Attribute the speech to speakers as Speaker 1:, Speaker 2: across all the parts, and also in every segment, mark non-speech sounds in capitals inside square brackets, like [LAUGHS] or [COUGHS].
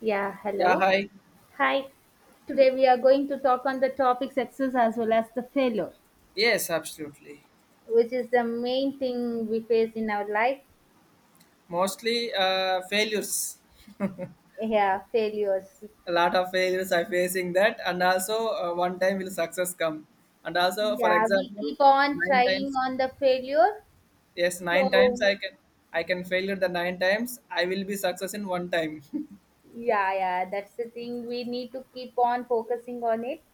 Speaker 1: Yeah,
Speaker 2: Yeah,
Speaker 1: hello.
Speaker 2: hi.
Speaker 1: Hi. Today we are going to talk on the topic success as well as the failure,
Speaker 2: Yes, absolutely.
Speaker 1: which is the main thing we face in our life.
Speaker 2: Mostly failures.
Speaker 1: Yeah, failures.
Speaker 2: A lot of failures I facing that, and also one time will success come. And also, for
Speaker 1: Yeah, we
Speaker 2: example,
Speaker 1: keep on
Speaker 2: nine
Speaker 1: trying
Speaker 2: times.
Speaker 1: on the failure.
Speaker 2: Yes, nine times
Speaker 1: So,
Speaker 2: I can failure the nine times. I will be success in one time, [LAUGHS]
Speaker 1: yeah, yeah, that's the thing. We need to keep on focusing on it.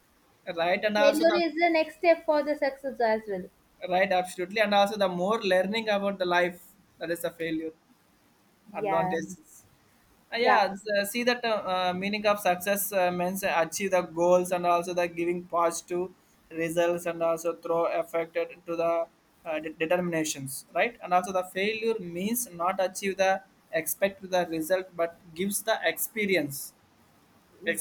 Speaker 2: right? And also the
Speaker 1: Failure is the next step for the success as well.
Speaker 2: right, absolutely. And also the more learning about the life that is a failure
Speaker 1: Yeah,
Speaker 2: advantages.
Speaker 1: yeah,
Speaker 2: Yeah, it's see that meaning of success means achieve the goals and also the giving positive results and also throw affected to the determinations, right? And also the failure means not achieve the expect the result, but gives the experience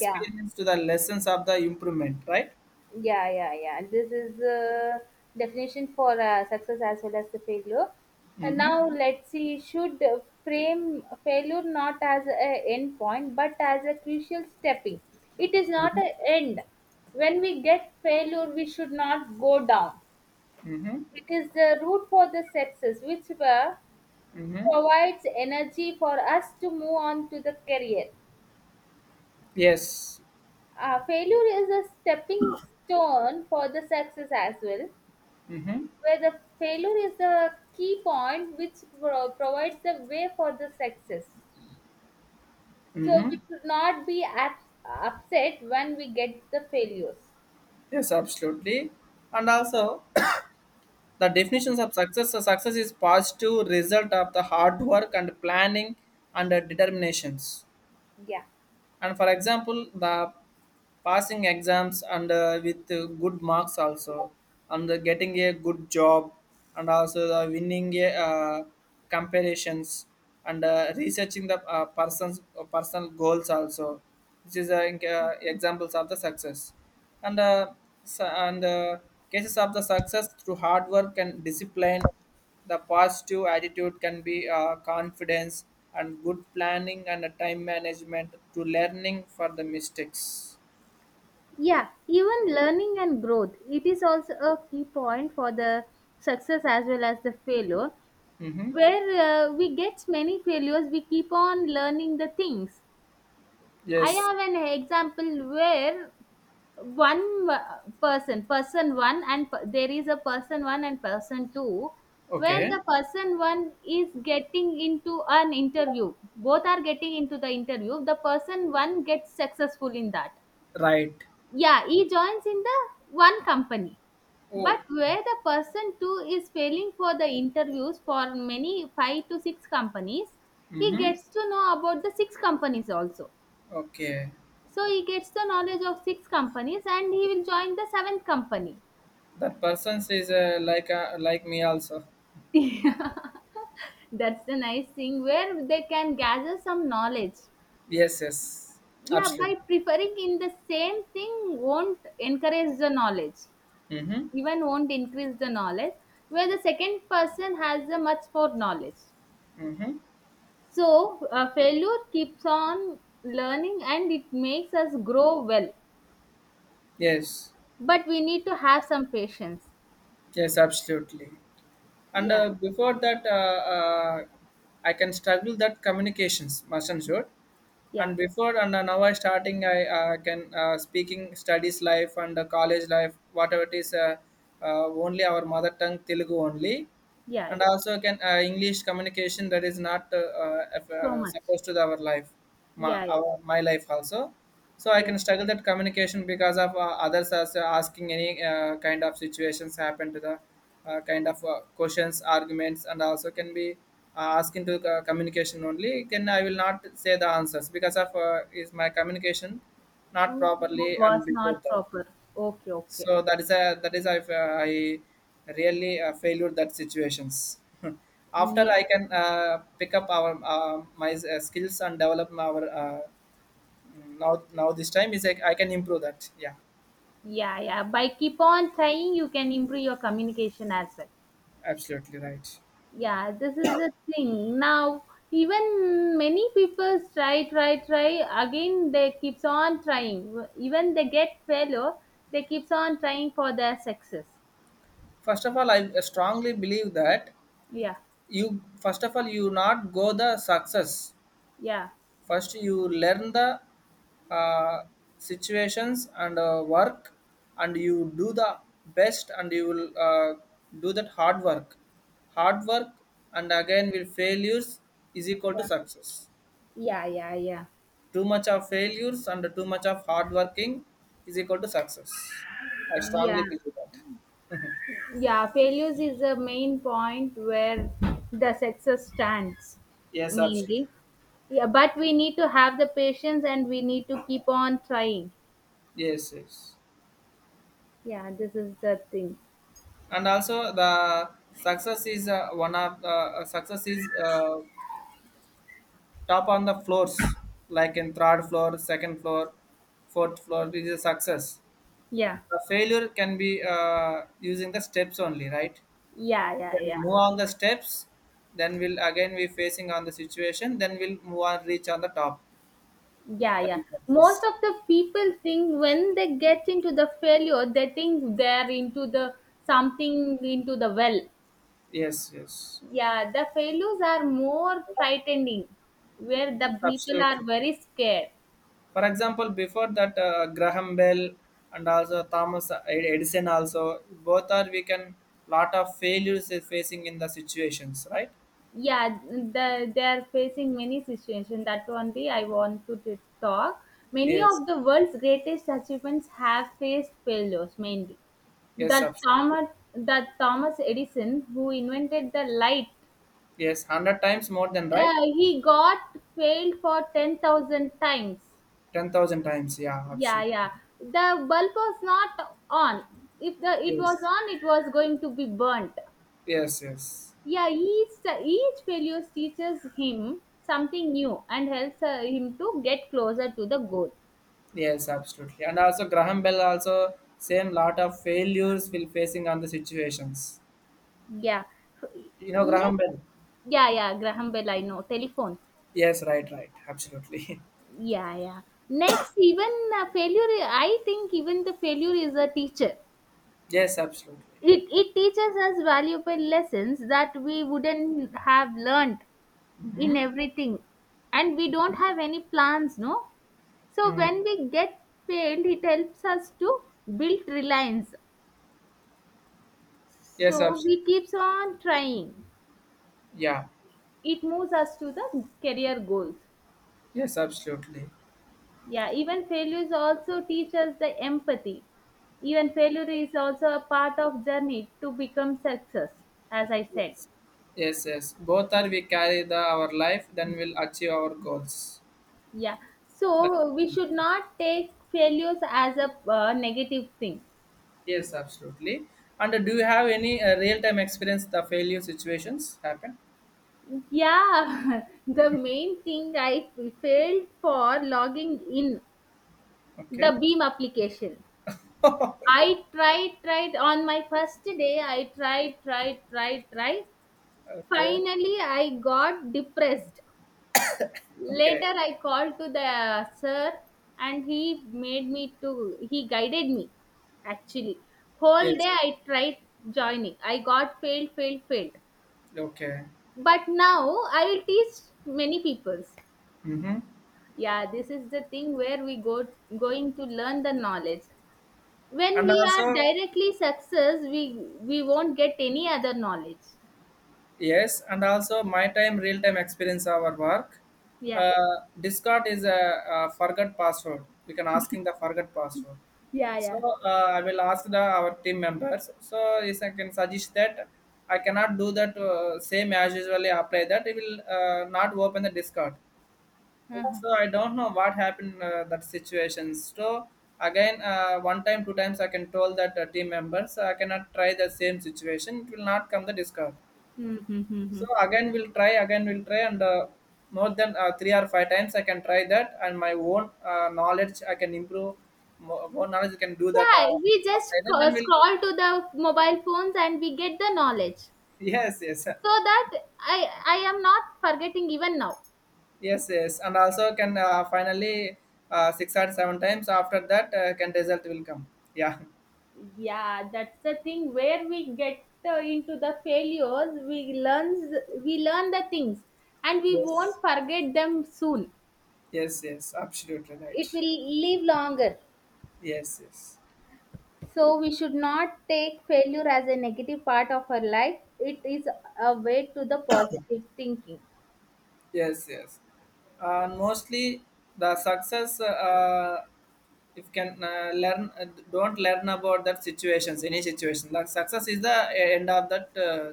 Speaker 1: yeah.
Speaker 2: to the lessons of the improvement, right?
Speaker 1: Yeah, yeah, yeah. This is the definition for success as well as the failure. And now let's see, should frame failure not as a end point but as a crucial stepping. It is not an end. When we get failure, we should not go down.
Speaker 2: Mm-hmm.
Speaker 1: It is the root for the success, which
Speaker 2: Mm-hmm.
Speaker 1: provides energy for us to move on to the career.
Speaker 2: Yes.
Speaker 1: Failure is a stepping stone for the success as well
Speaker 2: Mm-hmm.
Speaker 1: where the failure is the key point which provides the way for the success. So
Speaker 2: Mm-hmm.
Speaker 1: we should not be upset when we get the failures.
Speaker 2: Yes, absolutely. And also the definitions of success, so success is positive result of the hard work and planning and determinations.
Speaker 1: Yeah.
Speaker 2: And for example, the passing exams and with good marks also and getting a good job and also the winning a comparisons and researching the person's personal goals also, which is examples of the success and su- and uh, cases of the success through hard work and discipline, the positive attitude can be confidence and good planning and a time management to learning for the mistakes.
Speaker 1: Yeah, even learning and growth. It is also a key point for the success as well as the failure.
Speaker 2: Mm-hmm.
Speaker 1: Where we get many failures, we keep on learning the things. I
Speaker 2: Yes.
Speaker 1: have an example where one person one and there is a person one and person two, where
Speaker 2: Okay.
Speaker 1: the person one is getting into an interview, both are getting into the interview, the person one gets successful in that.
Speaker 2: Right.
Speaker 1: Yeah, he joins in the one company.
Speaker 2: Oh.
Speaker 1: But where the person two is failing for the interviews for many five to six companies, he
Speaker 2: Mm-hmm.
Speaker 1: gets to know about the six companies also.
Speaker 2: Okay.
Speaker 1: So he gets the knowledge of six companies and he will join the seventh company.
Speaker 2: That person is like like me also.
Speaker 1: That's the nice thing where they can gather some knowledge.
Speaker 2: Yes, yes.
Speaker 1: Yeah,
Speaker 2: Absolutely.
Speaker 1: by preferring in the same thing won't encourage the knowledge,
Speaker 2: Mm-hmm.
Speaker 1: even won't increase the knowledge, where the second person has the much more knowledge.
Speaker 2: Mm-hmm.
Speaker 1: So failure keeps on learning and it makes us grow well.
Speaker 2: Yes.
Speaker 1: But we need to have some patience.
Speaker 2: Yes, absolutely. And
Speaker 1: Yeah,
Speaker 2: before that, I can struggle that communications, mustn't sure.
Speaker 1: yeah,
Speaker 2: And before and now I starting, I can speaking studies life and college life, whatever it is, only our mother tongue Telugu only,
Speaker 1: yeah, yeah.
Speaker 2: and also can english communication that is not if,
Speaker 1: So much.
Speaker 2: supposed to the, our life, my,
Speaker 1: Yeah, yeah,
Speaker 2: our, my life also, so I
Speaker 1: yeah.
Speaker 2: can struggle that communication because of others as asking any kind of situations happen to the kind of questions arguments, and also can be asking to communication, only can I will not say the answers because of is my communication not
Speaker 1: Ooh, wa
Speaker 2: properly,
Speaker 1: was
Speaker 2: and before
Speaker 1: not
Speaker 2: that,
Speaker 1: proper. Okay, okay.
Speaker 2: so that is a, that is if I really failed that situations. [LAUGHS] After,
Speaker 1: Ye
Speaker 2: I can pick up our my skills and develop our now now this time is like I can improve that. Yeah,
Speaker 1: Yeah, yeah. By keep on trying, you can improve your communication as well.
Speaker 2: absolutely right.
Speaker 1: Yeah, this is the thing. Now, even many people try, try, try. Again, they keeps on trying. Even they get failure, they keeps on trying for their success.
Speaker 2: First of all, I strongly believe that
Speaker 1: Yeah,
Speaker 2: you, first of all, you not go the success.
Speaker 1: yeah,
Speaker 2: First you learn the uh, situations and work, and you do the best, and you will do that hard work, hard work, and again will failures is equal to
Speaker 1: yeah,
Speaker 2: success.
Speaker 1: yeah, yeah, yeah.
Speaker 2: Too much of failures and too much of hard working is equal to success, I
Speaker 1: Yeah,
Speaker 2: strongly believe that. [LAUGHS]
Speaker 1: yeah. Failures is the main point where the success stands
Speaker 2: Yes, absolutely.
Speaker 1: mainly. Yeah, but we need to have the patience and we need to keep on trying.
Speaker 2: Yes, yes.
Speaker 1: Yeah, this is the thing.
Speaker 2: And also the success is one of the success is top on the floors, like in third floor, second floor, fourth floor, this is a success.
Speaker 1: Yeah,
Speaker 2: The failure can be using the steps only, right?
Speaker 1: yeah, yeah,
Speaker 2: Then
Speaker 1: yeah,
Speaker 2: move on the steps, then we'll again be facing on the situation, then we'll move on, reach on the top.
Speaker 1: yeah,
Speaker 2: That
Speaker 1: yeah.
Speaker 2: is success.
Speaker 1: Most of the people think when they get into the failure, they think they're into the something into the well.
Speaker 2: Yes, yes.
Speaker 1: Yeah, the failures are more frightening where
Speaker 2: Yes,
Speaker 1: the people are
Speaker 2: absolutely.
Speaker 1: very scared.
Speaker 2: For example, before that, graham bell and also thomas edison also, both are we can lot of failures is facing in the situations, right?
Speaker 1: Yeah, they are facing many situations that only I want to talk. Many
Speaker 2: Yes.
Speaker 1: of the world's greatest achievements have faced failures mainly.
Speaker 2: Yes,
Speaker 1: that
Speaker 2: absolutely.
Speaker 1: thomas that thomas Edison who invented the light,
Speaker 2: Yes, hundred times more than right.
Speaker 1: he got failed for 10,000 times.
Speaker 2: 10,000 times, yeah,
Speaker 1: Yeah,
Speaker 2: absolutely.
Speaker 1: yeah, the bulb was not on. If the it was
Speaker 2: Yes,
Speaker 1: on, it was going to be burnt.
Speaker 2: yes, yes,
Speaker 1: Yeah, each failure teaches him something new and helps him to get closer to the goal.
Speaker 2: yes, absolutely. And also Graham Bell also same lot of failures will facing on the situations.
Speaker 1: Yeah.
Speaker 2: You know Graham
Speaker 1: Next,
Speaker 2: Bell.
Speaker 1: yeah, yeah, Graham Bell, I know. Telephone.
Speaker 2: Yes, right, right, absolutely.
Speaker 1: Yeah, yeah. Next, even failure, I think even the failure is a teacher.
Speaker 2: [LAUGHS] Yes, absolutely.
Speaker 1: It teaches us valuable lessons that we wouldn't have learned in everything. And we don't have any plans, no? So
Speaker 2: Mm.
Speaker 1: when we get failed, it helps us to build reliance.
Speaker 2: Yes,
Speaker 1: So
Speaker 2: absolutely.
Speaker 1: we keeps on trying.
Speaker 2: Yeah.
Speaker 1: It moves us to the career goals.
Speaker 2: Yes, absolutely.
Speaker 1: Yeah, even failures also teach us the empathy. Even failure is also a part of journey to become success, as I said.
Speaker 2: Yes. Yes, yes. Both are we carry the our life, then we'll achieve our goals.
Speaker 1: Yeah.
Speaker 2: That
Speaker 1: So we
Speaker 2: is.
Speaker 1: should not take failures as a negative thing.
Speaker 2: Yes, absolutely. And do you have any real-time experience the failure situations happen?
Speaker 1: Yeah, [LAUGHS] the main thing I failed for logging in the
Speaker 2: Okay,
Speaker 1: Beam application. I tried, tried on my first day. I tried, tried, tried, tried.
Speaker 2: okay,
Speaker 1: Finally, I got depressed.
Speaker 2: okay.
Speaker 1: Later, I called to the sir, and he made me to. He guided me, actually. Whole day
Speaker 2: Yes,
Speaker 1: I tried joining. I got failed, failed, failed.
Speaker 2: okay.
Speaker 1: But now I will teach many peoples.
Speaker 2: Mm-hmm.
Speaker 1: Yeah, this is the thing where we go going to learn the knowledge. When
Speaker 2: And
Speaker 1: we are
Speaker 2: also,
Speaker 1: directly success, we won't get any other knowledge.
Speaker 2: yes, and also my time real-time experience our work.
Speaker 1: Yeah.
Speaker 2: Discord is a forgot password. We can asking the forgot password.
Speaker 1: Yeah,
Speaker 2: So
Speaker 1: yeah.
Speaker 2: I will ask the our team members. So yes, I can suggest that I cannot do that same as usually apply that. It will not open the Discord. So I don't know what happened that situation. So again, one time, two times, I can tell that team members, so I cannot try the same situation. It will not come the discard. So
Speaker 1: Mm-hmm.
Speaker 2: again, we'll try. Again, we'll try, and more than three or five times, I can try that, and my own knowledge I can improve. More, more knowledge I can do that.
Speaker 1: Yeah, we just
Speaker 2: Apply that. Then we'll
Speaker 1: scroll to the mobile phones and we get the knowledge,
Speaker 2: [LAUGHS] yes, yes,
Speaker 1: so that i I am not forgetting even now.
Speaker 2: yes, yes, and also can finally six or seven times. After that, can result will come. Yeah.
Speaker 1: Yeah, that's the thing where we get into the failures, we learn the things and we won't
Speaker 2: Yes.
Speaker 1: forget them soon.
Speaker 2: Yes, yes, absolutely
Speaker 1: It
Speaker 2: right.
Speaker 1: will live longer.
Speaker 2: Yes, yes,
Speaker 1: So we should not take failure as a negative part of our life. It is a way to the positive thinking.
Speaker 2: yes, yes. And mostly the success, if can learn, don't learn about that situations, any situation. Like success is the end of that uh,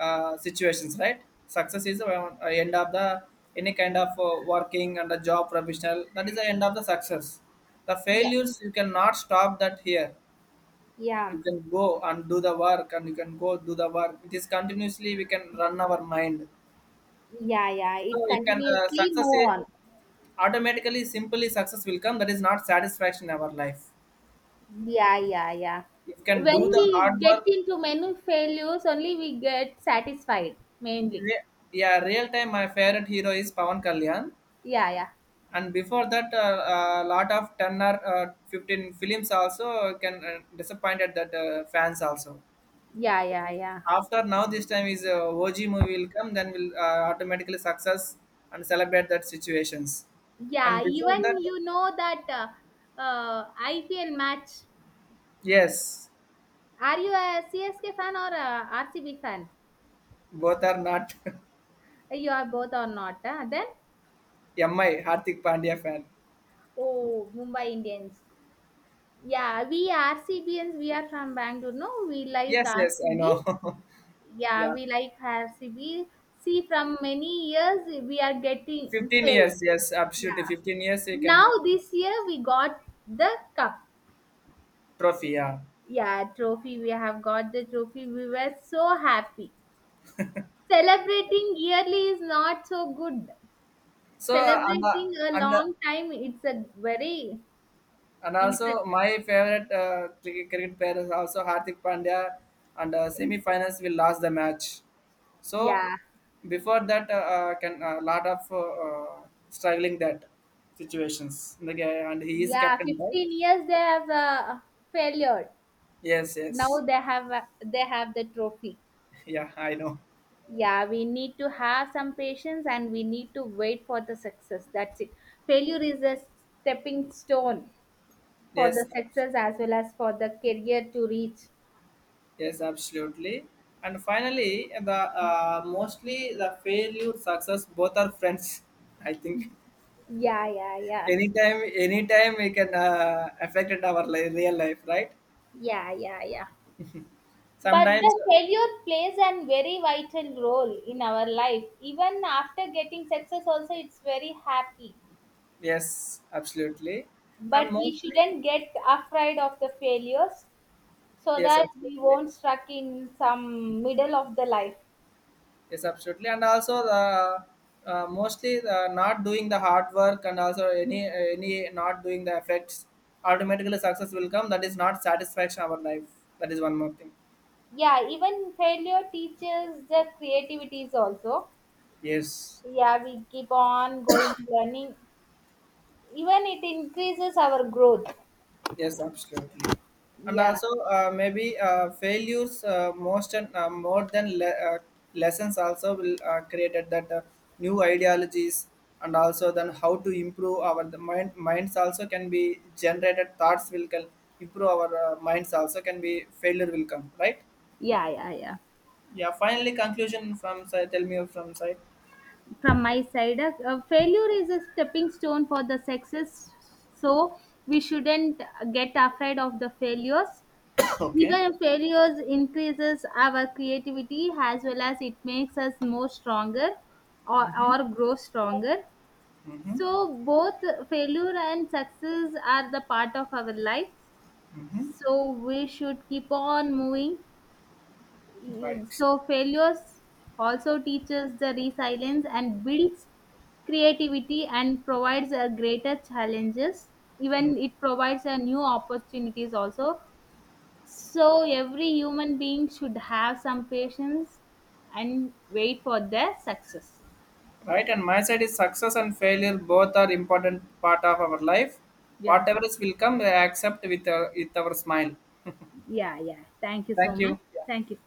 Speaker 2: uh, situations, right? Success is the end of the any kind of working and a job professional. That is the end of the success. The
Speaker 1: Yeah,
Speaker 2: failures you cannot stop that here.
Speaker 1: yeah,
Speaker 2: You can go and do the work, and you can go do the work, it is continuously we can run our mind,
Speaker 1: yeah, yeah.
Speaker 2: so
Speaker 1: It
Speaker 2: you can
Speaker 1: continuously move on.
Speaker 2: automatically simply success will come, that is not satisfaction in our life.
Speaker 1: Yeah, yeah, yeah.
Speaker 2: You can do
Speaker 1: When
Speaker 2: the
Speaker 1: we
Speaker 2: hard
Speaker 1: get
Speaker 2: work.
Speaker 1: into many failures, only we get satisfied mainly.
Speaker 2: Re- yeah, real time my favorite hero is pavan kalyan,
Speaker 1: Yeah, yeah,
Speaker 2: and before that a lot of 10 or 15 films also can disappointed that fans also.
Speaker 1: yeah, yeah, yeah.
Speaker 2: After, now this time is og movie will come, then we'll automatically success and celebrate that situations. And
Speaker 1: Yeah,
Speaker 2: before
Speaker 1: even
Speaker 2: that,
Speaker 1: you know that IPL match.
Speaker 2: yes.
Speaker 1: Are you a CSK fan or a RCB fan?
Speaker 2: Both are not.
Speaker 1: You are both or not? Huh? Then.
Speaker 2: [LAUGHS] mi hardik pandya fan.
Speaker 1: Oh, Mumbai Indians. Yeah, we RCBians, we are from Bangalore. No, we like
Speaker 2: Yes, yes, I
Speaker 1: RCB.
Speaker 2: know. [LAUGHS]
Speaker 1: Yeah,
Speaker 2: Yeah,
Speaker 1: we like RCB. See, from many years, we are getting
Speaker 2: 15
Speaker 1: paid.
Speaker 2: years, yes, absolutely,
Speaker 1: Yeah.
Speaker 2: 15 years you can
Speaker 1: Now, this year, we got the cup.
Speaker 2: trophy, yeah.
Speaker 1: Yeah, trophy. We have got the trophy. We were so happy. Celebrating yearly is not so good.
Speaker 2: So
Speaker 1: Celebrating a
Speaker 2: and uh,
Speaker 1: long time, it's a very
Speaker 2: and also,
Speaker 1: impressive.
Speaker 2: my favorite cricket player is also Hardik Pandya, and semi-finals will last the match. So,
Speaker 1: Yeah.
Speaker 2: before that, can a lot of struggling that situations. The guy- and he is
Speaker 1: Yeah,
Speaker 2: captain, right?
Speaker 1: 15 years they have failed.
Speaker 2: Yes,
Speaker 1: Now
Speaker 2: yes.
Speaker 1: they have the trophy.
Speaker 2: [LAUGHS] Yeah, I know.
Speaker 1: Yeah, we need to have some patience and we need to wait for the success, that's it. Failure is a stepping stone for
Speaker 2: Yes,
Speaker 1: the
Speaker 2: abs-
Speaker 1: success as well as for the career to reach.
Speaker 2: yes, absolutely. And finally, the mostly the failure, success, both are friends. [LAUGHS] I think
Speaker 1: Yeah, yeah, yeah.
Speaker 2: anytime, anytime we can affect it our li- real life, right?
Speaker 1: Yeah, yeah, yeah. But
Speaker 2: Sometimes.
Speaker 1: the failure plays a very vital role in our life. Even after getting success, also it's very happy.
Speaker 2: Yes, absolutely. And
Speaker 1: But we
Speaker 2: mostly,
Speaker 1: shouldn't get afraid of the failures so
Speaker 2: yes,
Speaker 1: that we
Speaker 2: absolutely.
Speaker 1: won't stuck in some middle of the life.
Speaker 2: Yes, absolutely. And also the mostly the not doing the hard work and also any not doing the effects, automatically success will come, that is not satisfaction our life. That is one more thing.
Speaker 1: Yeah, even failure teaches the creativities also.
Speaker 2: Yes.
Speaker 1: Yeah, we keep on going learning, even it increases our growth.
Speaker 2: Yes, absolutely. And
Speaker 1: Yeah,
Speaker 2: also, maybe failures most and more than le- uh, lessons also will created that new ideologies, and also then how to improve our the minds also can be generated thoughts will can improve our minds also can be failure will come, right?
Speaker 1: yeah, yeah, yeah.
Speaker 2: Yeah, finally, conclusion from side, tell me from side.
Speaker 1: From my side, failure is a stepping stone for the success. So we shouldn't get afraid of the failures.
Speaker 2: [LAUGHS] [COUGHS] Okay.
Speaker 1: Even failures increases our creativity as well as it makes us more stronger or grow stronger.
Speaker 2: Mm-hmm.
Speaker 1: So both failure and success are the part of our life.
Speaker 2: Mm-hmm.
Speaker 1: So we should keep on moving.
Speaker 2: Right.
Speaker 1: So failures also teaches the resilience and builds creativity and provides a greater challenges, even it provides a new opportunities also. So every human being should have some patience and wait for their success.
Speaker 2: Right, and my side is success and failure both are important part of our life,
Speaker 1: Yeah.
Speaker 2: whatever is will come we accept with our smile.
Speaker 1: Yeah, yeah. Thank you so
Speaker 2: Thank
Speaker 1: much.
Speaker 2: you. Yeah.
Speaker 1: Thank you.